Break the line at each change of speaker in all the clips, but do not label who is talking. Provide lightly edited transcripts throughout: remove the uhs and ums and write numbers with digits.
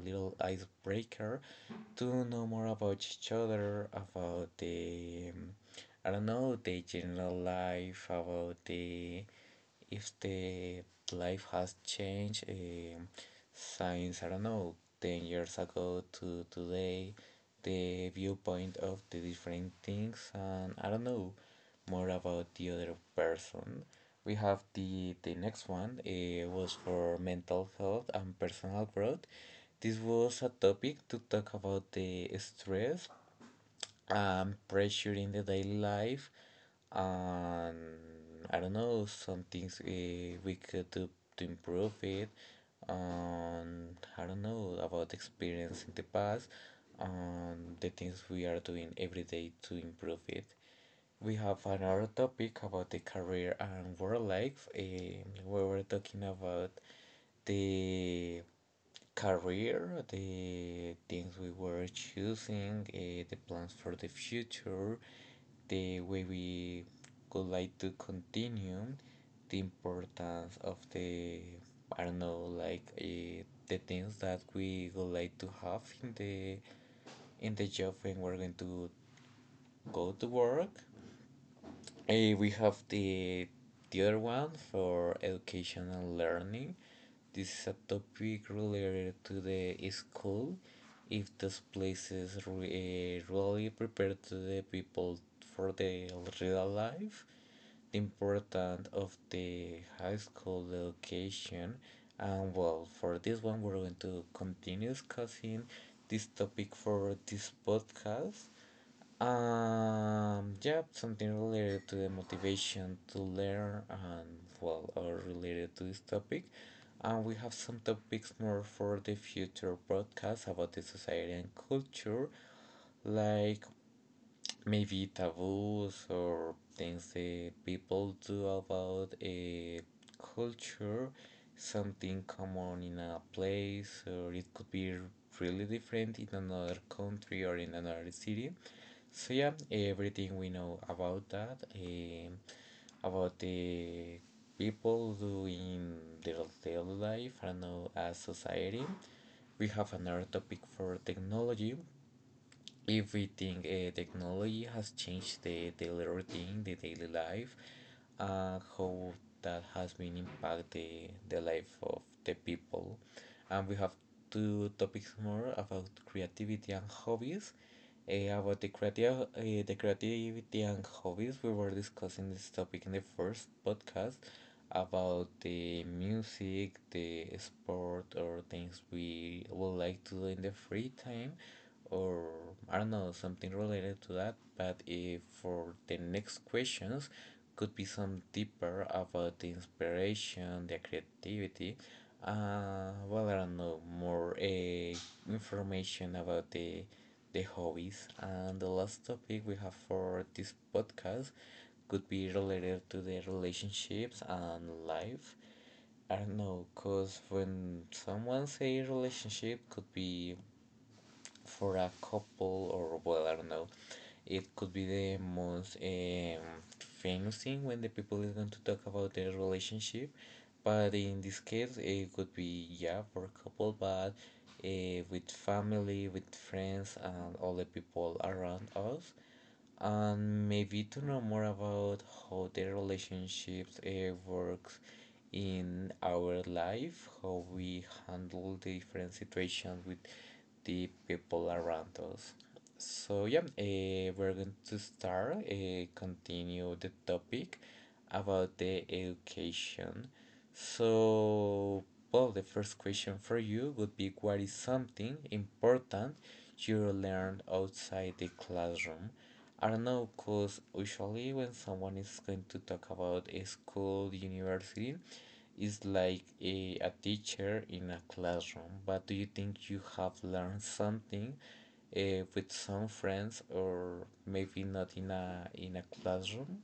little icebreaker to know more about each other, about I don't know, the general life, about the if the life has changed since I don't know 10 years ago to today, the viewpoint of the different things, and I don't know more about the other person. We have the next one. It was for mental health and personal growth. This was a topic to talk about the stress, pressure in the daily life, and I don't know some things we could do to improve it. And I don't know about the experience in the past, and the things we are doing every day to improve it. We have another topic about the career and work life. We were talking about the career, the things we were choosing, the plans for the future, the way we would like to continue, the importance of the, I don't know, like the things that we would like to have in the job when we're going to go to work. We have the other one for education and learning. This is a topic related to the school. If those places really prepare to the people for the real life, the importance of the high school education, and well, for this one, we're going to continue discussing this topic for this podcast. Yeah, something related to the motivation to learn and well, or related to this topic. And we have some topics more for the future broadcast about the society and culture, like maybe taboos or things that people do about a culture, something common in a place, or it could be really different in another country or in another city. So yeah, everything we know about that, about the people doing their daily life and as society. We have another topic for technology everything. Technology has changed the daily routine, the daily life, and how that has been impact the life of the people. And we have two topics more about creativity and hobbies. About the creativity and hobbies, we were discussing this topic in the first podcast about the music, the sport, or things we would like to do in the free time or I don't know, something related to that. But if for the next questions, could be some deeper about the inspiration, the creativity. Well, I don't know more information about the hobbies. And the last topic we have for this podcast could be related to the relationships and life. I don't know, cause when someone say relationship could be for a couple, or well, I don't know, it could be the most famous thing when the people is going to talk about their relationship, but in this case it could be, yeah, for a couple, but with family, with friends, and all the people around us, and maybe to know more about how the relationships works in our life, how we handle the different situations with the people around us. So yeah, we're going to start continue the topic about the education. So, well, the first question for you would be, what is something important you learned outside the classroom? I don't know, because usually when someone is going to talk about a school, university, it's like a teacher in a classroom. But do you think you have learned something uh, with some friends or maybe not in a classroom?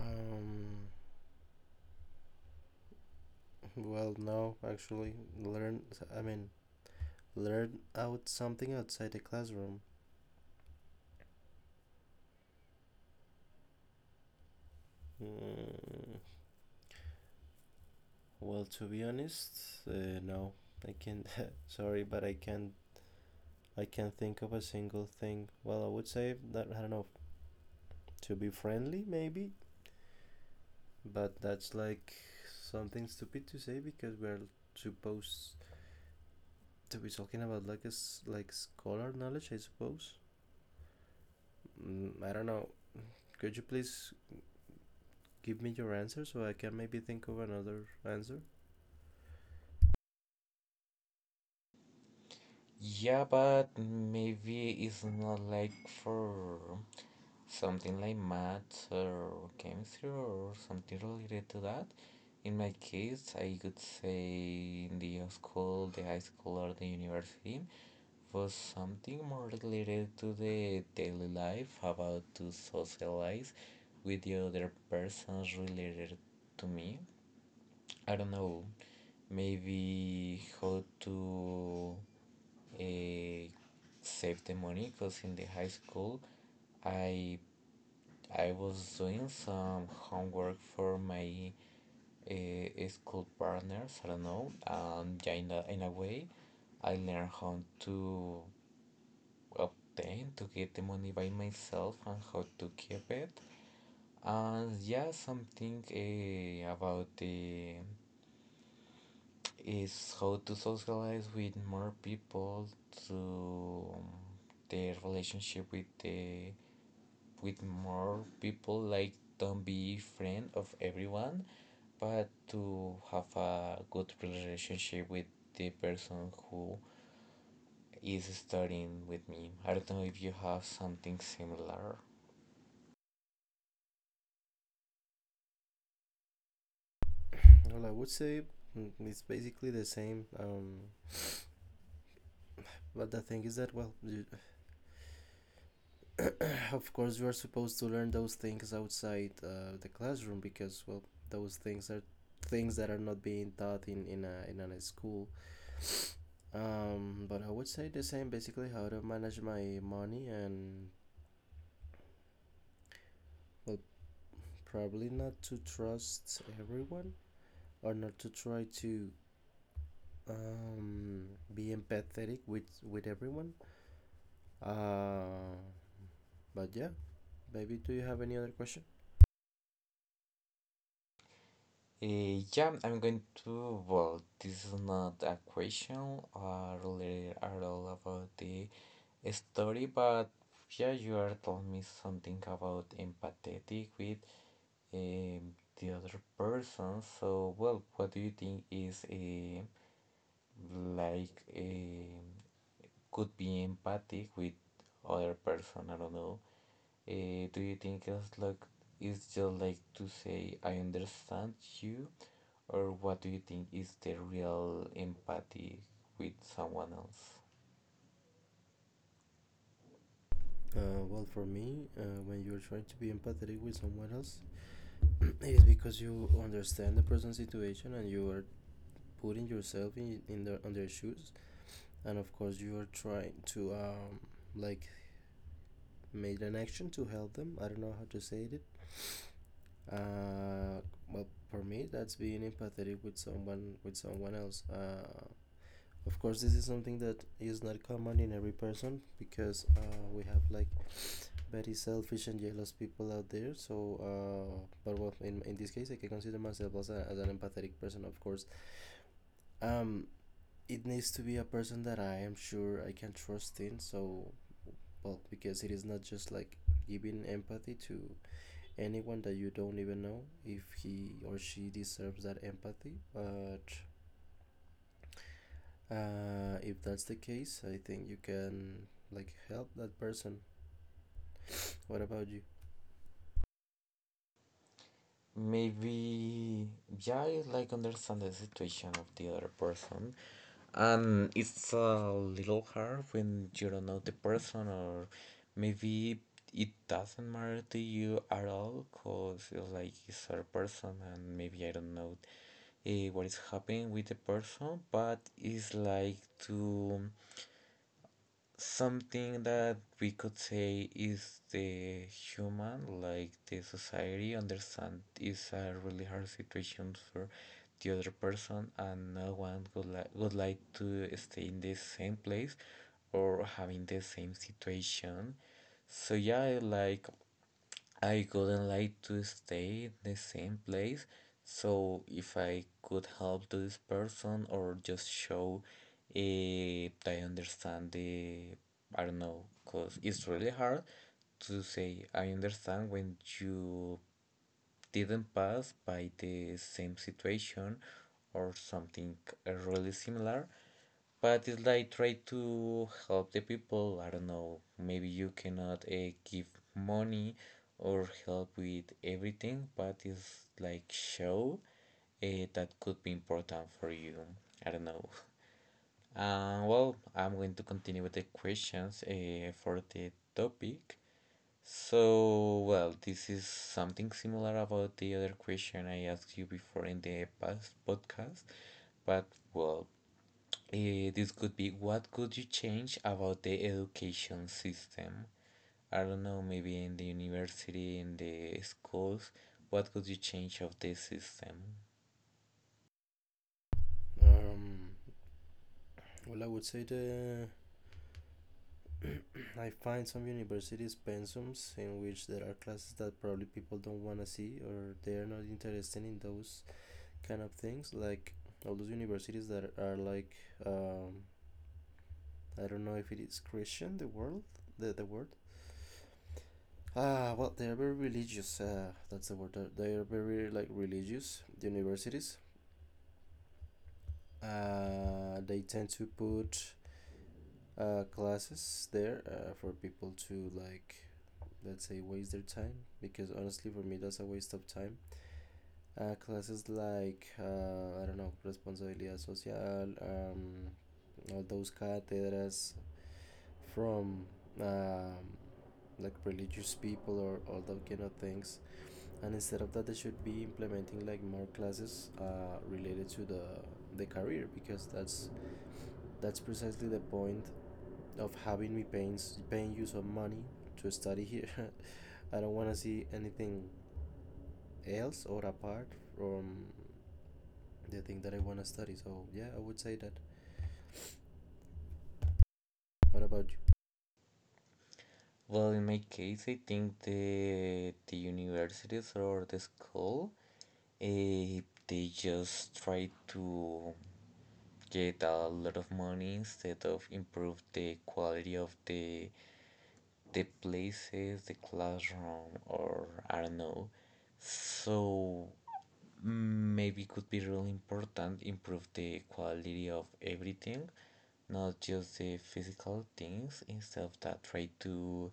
Um, well, no, actually, learn. I mean, learn out something outside the classroom. Mm, well, to be honest, no, I can't. Sorry, but I can't. I can't think of a single thing. Well, I would say that I don't know. To be friendly, maybe, but that's like something stupid to say because we're supposed to be talking about like like scholar knowledge, I suppose. I don't know. Could you please give me your answer so I can maybe think of another answer?
Yeah, but maybe it's not like for something like math or chemistry or something related to that. In my case, I could say the school, the high school, or the university was something more related to the daily life, about to socialize with the other persons related to me. I don't know, maybe how to uh, save the money, because in the high school I I was doing some homework for my school partners. I don't know, and yeah, in a way, I learned how to obtain to get the money by myself and how to keep it. And yeah, something about the is how to socialize with more people to the relationship with the with more people, like don't be friend of everyone, but to have a good relationship with the person who is studying with me. I don't know if you have something similar.
Well, I would say it's basically the same. But the thing is that, well, you, of course, you are supposed to learn those things outside the classroom because, well, those things are things that are not being taught in a school. But I would say the same, basically, how to manage my money, and well, probably not to trust everyone or not to try to um be empathetic with everyone, uh but yeah, baby, do you have any other question?
Yeah, I'm going to. Well, this is not a question related at all about the story, but yeah, you are telling me something about empathetic with um, the other person. So, well, what do you think is a like a could be empathic with other person? I don't know. Do you think it's like it's just like to say I understand you, or what do you think is the real empathy with someone else?
Well, for me, when you're trying to be empathetic with someone else, it's because you understand the person's situation and you are putting yourself in their on their shoes, and of course you are trying to like make an action to help them. I don't know how to say it. uh well, for me, that's being empathetic with someone else. Of course, this is something that is not common in every person because we have like very selfish and jealous people out there. So, but well, in this case, I can consider myself as an empathetic person, of course. Um, it needs to be a person that I am sure I can trust in. So, well, because it is not just like giving empathy to anyone that you don't even know if he or she deserves that empathy, but if that's the case, I think you can like help that person. What about you?
Maybe, yeah, it's like understand the situation of the other person. And it's a little hard when you don't know the person, or maybe it doesn't matter to you at all, because it's like it's other person, and maybe I don't know what is happening with the person, but it's like to something that we could say is the human, like the society understand is a really hard situation for the other person, and no one would, would like to stay in the same place or having the same situation. So yeah, like I couldn't like to stay in the same place, so if I could help to this person or just show that I understand the, I don't know, because it's really hard to say I understand when you didn't pass by the same situation or something really similar. But it's like try to help the people. I don't know. Maybe you cannot give money or help with everything, but it's like show uh, that could be important for you. I don't know. Well, I'm going to continue with the questions for the topic. So, well, this is something similar about the other question I asked you before in the past podcast, but well, this could be, what could you change about the education system? I don't know, maybe in the university, in the schools, what could you change of the system?
Um, well, I would say the I find some universities pensums in which there are classes that probably people don't want to see or they are not interested in those kind of things. Like all those universities that are like um, I don't know if it is Christian the world the word. Well, they are very religious. That's the word. They are very like religious universities, they tend to put classes there for people to like let's say waste their time because honestly for me that's a waste of time. Classes like, I don't know, responsabilidad social, um, all those cátedras from, um, like religious people or all that kind of things, and instead of that they should be implementing like more classes related to the career, because that's precisely the point of having me paying you some money to study here. I don't want to see anything else or apart from the thing that I want to study. So yeah, I would say that. What about you?
Well, in my case, I think the universities or the school, eh, they just try to get a lot of money instead of improve the quality of the places, the classroom, or I don't know. So maybe could be really important improve the quality of everything, not just the physical things. Instead of that, try to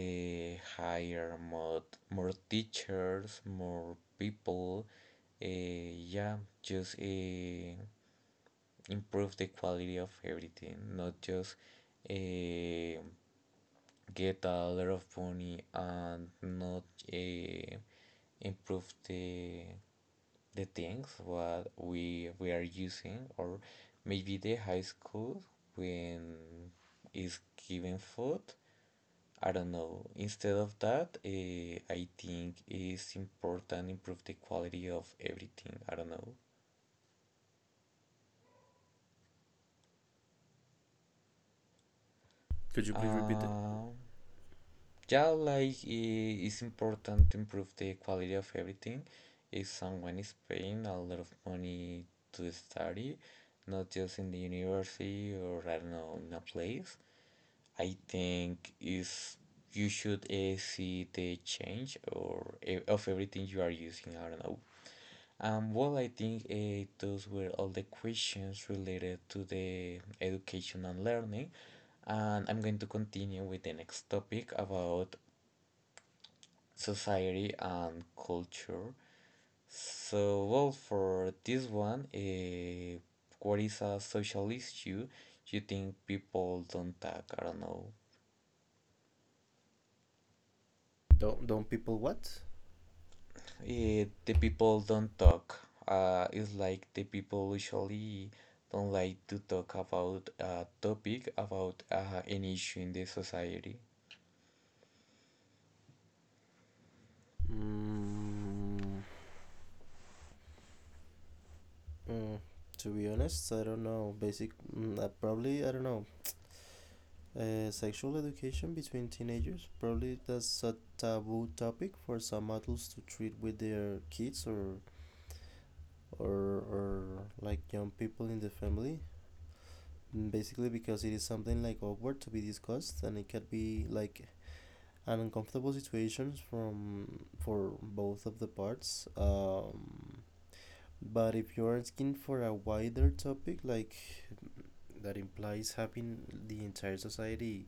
hire more teachers, more people. Yeah, just improve the quality of everything, not just. Uh, get a lot of money and not uh, improve the things what we are using, or maybe the high school when is giving food, I don't know. Instead of that, I think it's important improve the quality of everything. I don't know.
Could you please repeat it?
Um Yeah, like it's important to improve the quality of everything. If someone is paying a lot of money to study, not just in the university or I don't know, in a place, I think is you should see the change of everything you are using. I don't know. Well, I think those were all the questions related to the education and learning. And I'm going to continue with the next topic about society and culture. So, well, for this one, what is a social issue you think people don't talk? I don't know.
Don't people what?
The people don't talk. It's like the people usually don't like to talk about a topic, about an issue in the society.
Mm, mm, to be honest, I don't know. Basic, probably I don't know. Sexual education between teenagers, probably that's a taboo topic for some adults to treat with their kids, or like young people in the family, basically, because it is something like awkward to be discussed and it could be like an uncomfortable situations from for both of the parts. But if you're asking for a wider topic like that implies having the entire society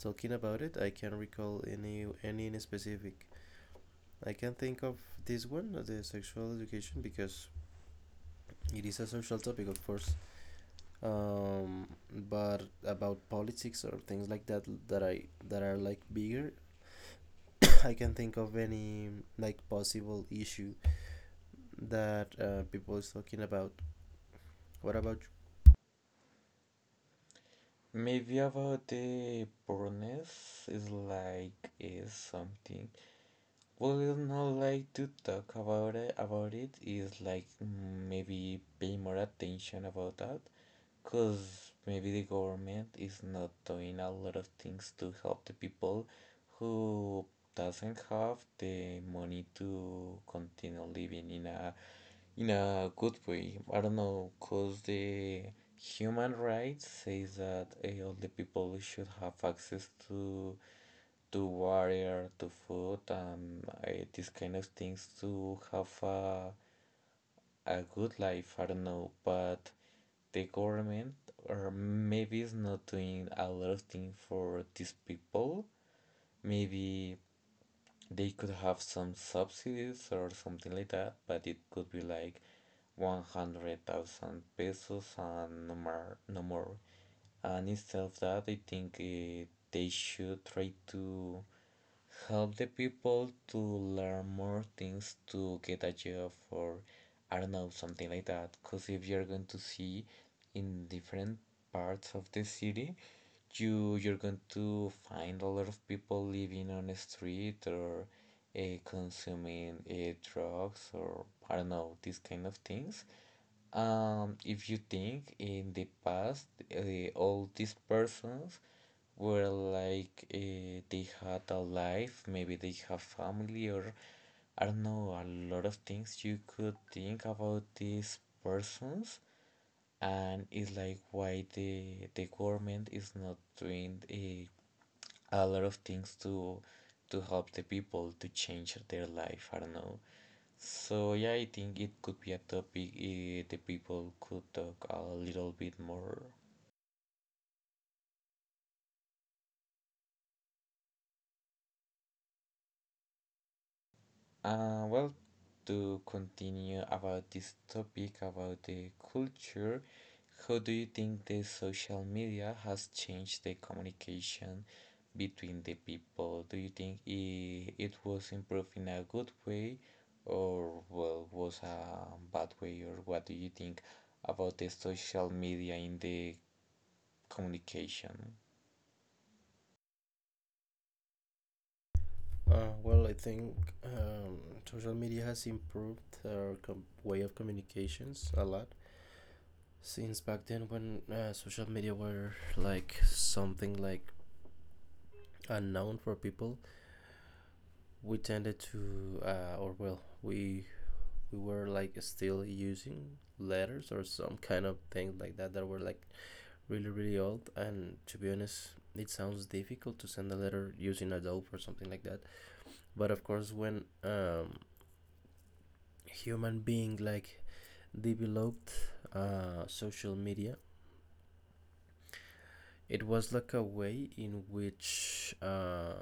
talking about it, I can't recall any in specific. I can think of this one, the sexual education, because it is a social topic, of course. um, but about politics or things like that that I that are like bigger. I can think of any like possible issue that people is talking about. What about
Maybe about the poorness is something. Well, not like to talk about it, is like maybe pay more attention about that, cause maybe the government is not doing a lot of things to help the people who doesn't have the money to continue living in a good way. I don't know, cause the human rights say that all the people should have access to water, to food, and these kind of things to have a good life. I don't know, but the government or maybe is not doing a lot of things for these people. Maybe they could have some subsidies or something like that, but it could be like 100,000 pesos and no more, no more. And instead of that, I think they should try to help the people to learn more things to get a job, or I don't know, something like that. Because if you're going to see in different parts of the city, you're going to find a lot of people living on the street, or consuming drugs, or I don't know, these kind of things. If you think in the past, all these persons were like, they had a life. Maybe they have family, or I don't know, a lot of things you could think about these persons. And it's like, why the government is not doing a lot of things to help the people to change their life? I don't know. So yeah, I think it could be a topic the people could talk a little bit more. Well, to continue about this topic about the culture, how do you think the social media has changed the communication between the people? Do you think it was improved in a good way, or well, was a bad way, or what do you think about the social media in the communication?
you? Well, I think, um, social media has improved our way of communications a lot since back then when social media were like something like unknown for people. We tended to, or well, we were like still using letters or some kind of thing like that that were like really really old, and to be honest it sounds difficult to send a letter using adobe or something like that. But of course when human being like developed social media, it was like a way in which,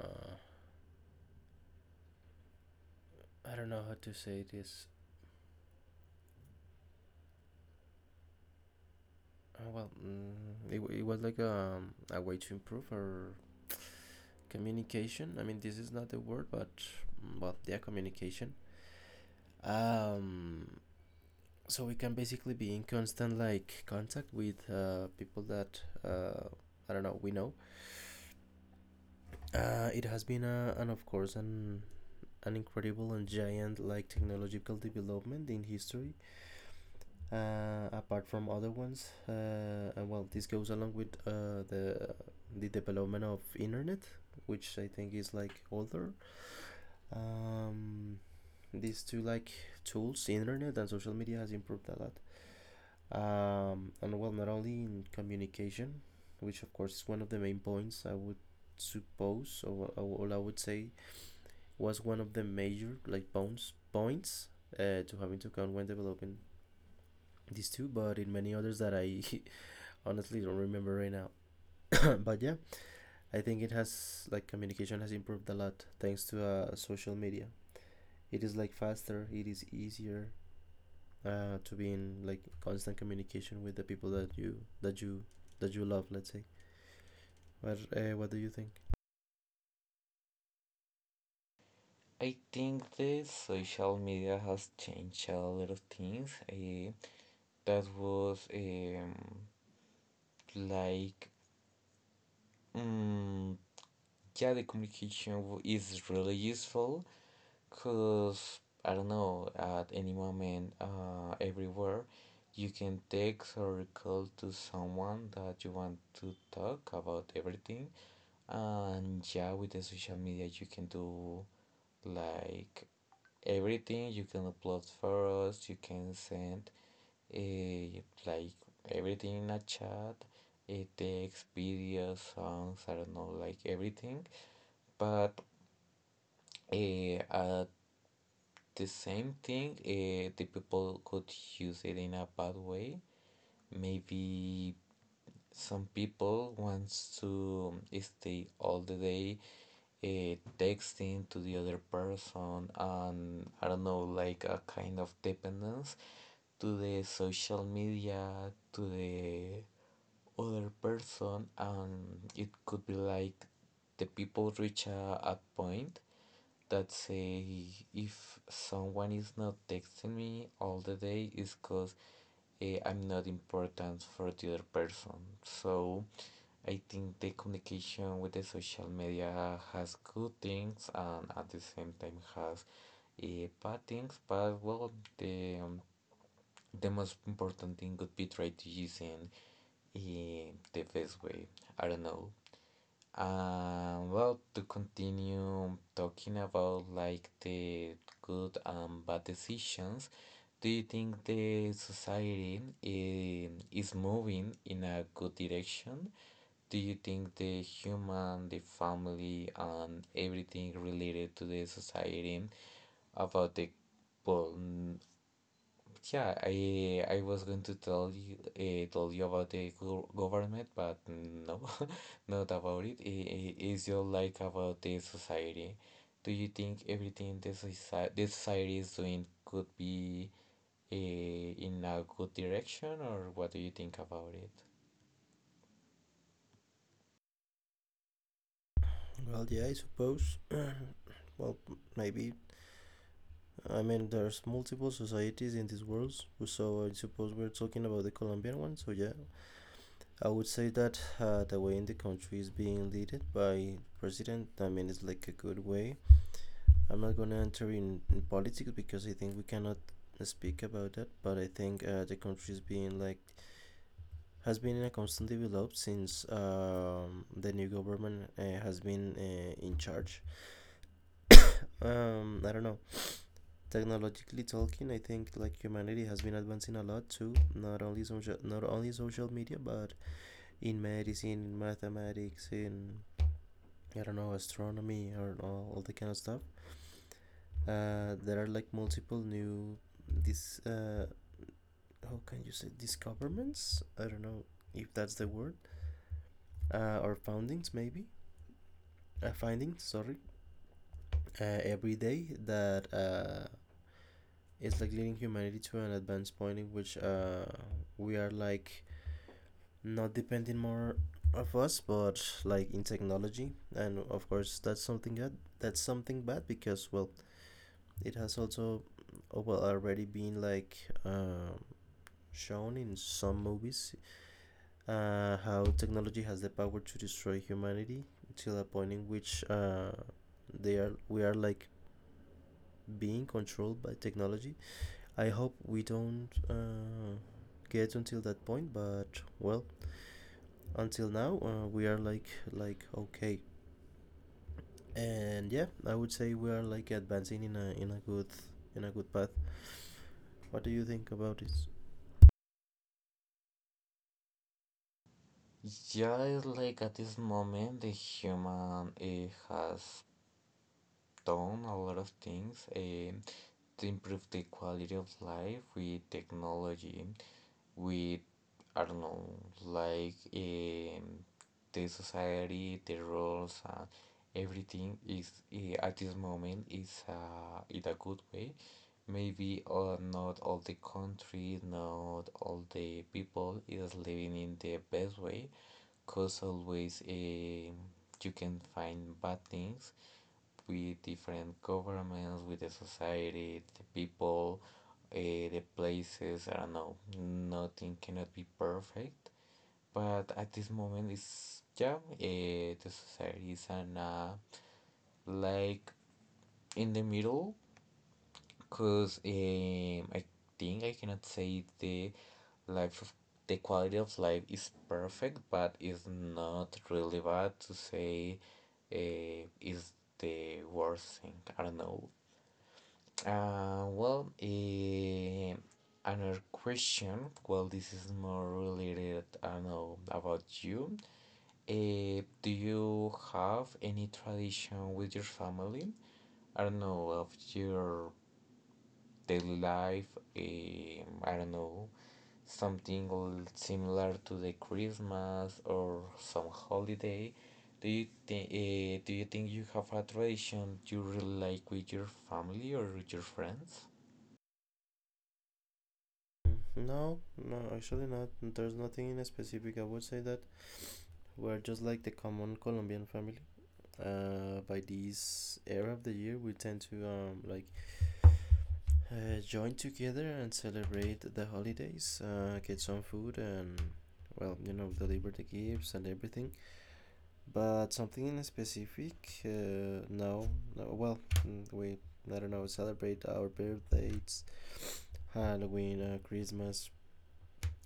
I don't know how to say this. Well, it was like a way to improve our communication. I mean, this is not the word, but well, yeah, communication. Um, so we can basically be in constant like contact with, people that, I don't know, we know. It has been and of course, an incredible and giant like technological development in history, apart from other ones, and well, this goes along with the development of internet, which I think is like older. um, these two like tools, the internet and social media, has improved a lot, and well, not only in communication, which of course is one of the main points I would suppose, or, all I would say was one of the major like bones points to have into account when developing these two, but in many others that I honestly don't remember right now. But yeah, I think it has like communication has improved a lot thanks to social media. It is like faster, it is easier, to be in like constant communication with the people that you that you love. Let's say. What do you think?
I think the social media has changed a lot of things. That was um, like, um yeah, the communication is really useful, because I don't know, at any moment, everywhere, you can text or call to someone that you want to talk about everything. And yeah, with the social media, you can do like everything. You can upload photos, you can send like everything in a chat, text, videos, songs, I don't know, like everything. But at the same thing, the people could use it in a bad way. Maybe some people wants to stay all the day texting to the other person, and I don't know, like a kind of dependence to the social media, to the other person. And it could be like the people reach a point that say, if someone is not texting me all the day, is because I'm not important for the other person. So I think the communication with the social media has good things, and at the same time has bad things. But well, the um, the most important thing could be try to use in the best way. I don't know. Well, to continue talking about like the good and bad decisions, do you think the society is moving in a good direction? Do you think the human, the family, and everything related to the society about the pol- yeah, I was going to tell you tell you about the government, but no, not about it. It is just like about the society. Do you think everything the society is doing could be in a good direction, or what do you think about it?
Well, yeah, I suppose. Well, maybe. I mean, there's multiple societies in this world, so I suppose we're talking about the Colombian one. So yeah, I would say that the way in the country is being led by president, I mean, it's like a good way. I'm not gonna enter in politics because I think we cannot speak about that, but I think the country is being like has been in a constant develop since the new government has been in charge. I don't know. Technologically talking, I think like humanity has been advancing a lot too. Not only social, not only social media, but in medicine, in mathematics, in, I don't know, astronomy, or all the kind of stuff. There are like multiple new this, how can you say, discoveries? I don't know if that's the word, or foundings maybe, findings, sorry, every day that is like leading humanity to an advanced point in which we are like not depending more of us but like in technology, and of course that's something good, that's something bad, because well, it has also, oh, well, already been like uh, shown in some movies, how technology has the power to destroy humanity till a point in which, they are we are like being controlled by technology. I hope we don't get until that point, but well, until now we are like okay, and yeah, I would say we are like advancing in a good path. What do you think about this?
Yeah, it's like at this moment the human has done a lot of things to improve the quality of life with technology. With I don't know, like the society, the rules, and everything is at this moment is in a good way. Maybe not all the country, not all the people is living in the best way, cause always you can find bad things with different governments, with the society, the people, the places. I don't know. Nothing cannot be perfect, but at this moment, it's yeah. The society is an like in the middle, cause I think I cannot say the life of the quality of life is perfect, but it's not really bad to say uh, is the worst thing. I don't know. Well, another question. Well, this is more related, I don't know, about you. Do you have any tradition with your family? I don't know, of your daily life, I don't know, something similar to the Christmas or some holiday. Do you think, do you think you have a tradition you really like with your family or with your friends?
No, no, actually not. There's nothing in specific. I would say that we're just like the common Colombian family. By this era of the year, we tend to like join together and celebrate the holidays, get some food, and well, deliver the gifts and everything. But something in specific, no, no, well, mm, we, I don't know, celebrate our birthdays, Halloween, Christmas,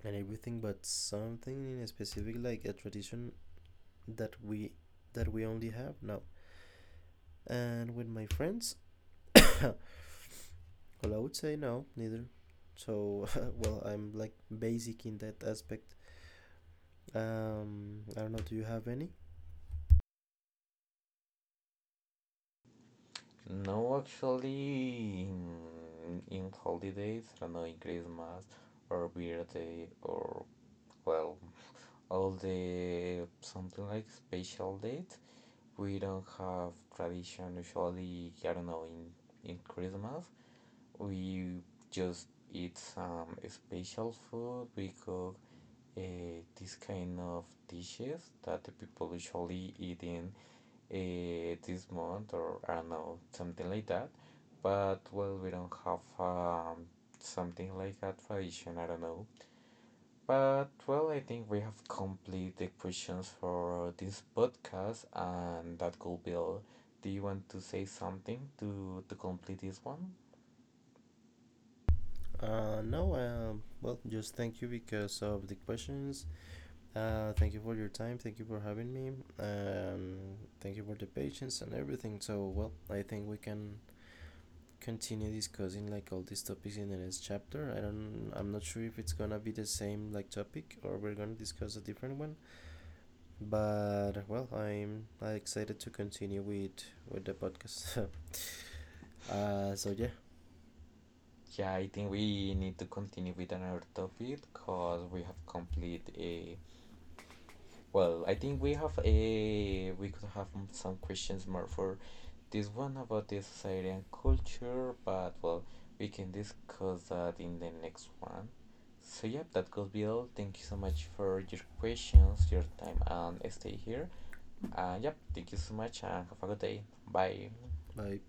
and everything, but something in specific, like a tradition that we that we only have, no. And with my friends, well, I would say no, neither. So, well, I'm like basic in that aspect. I don't know. Do you have any?
No, actually, in holidays, I don't know, in Christmas or birthday, or well, all the something like special date, we don't have tradition. Usually, I don't know, in Christmas, we just eat some special food. We cook uh, this kind of dishes that the people usually eat in this month, or I don't know, something like that. But well, we don't have something like a tradition. I don't know. But well, I think we have complete the questions for this podcast, and that could be all. Do you want to say something to complete this one?
No. Well, just thank you because of the questions. Thank you for your time. Thank you for having me. Um, Thank you for the patience and everything. So, well, I think we can continue discussing like all these topics in the next chapter. I don't. I'm not sure if it's gonna be the same like topic or we're gonna discuss a different one. But well, I'm excited to continue with the podcast. So yeah.
Yeah, I think we need to continue with another topic, because we have complete a well, I think we have a we could have some questions more for this one about the society and culture, but well, we can discuss that in the next one. So yep, that could be all. Thank you so much for your questions, your time, and stay here. And yep, thank you so much, and have a good day. Bye.
Bye.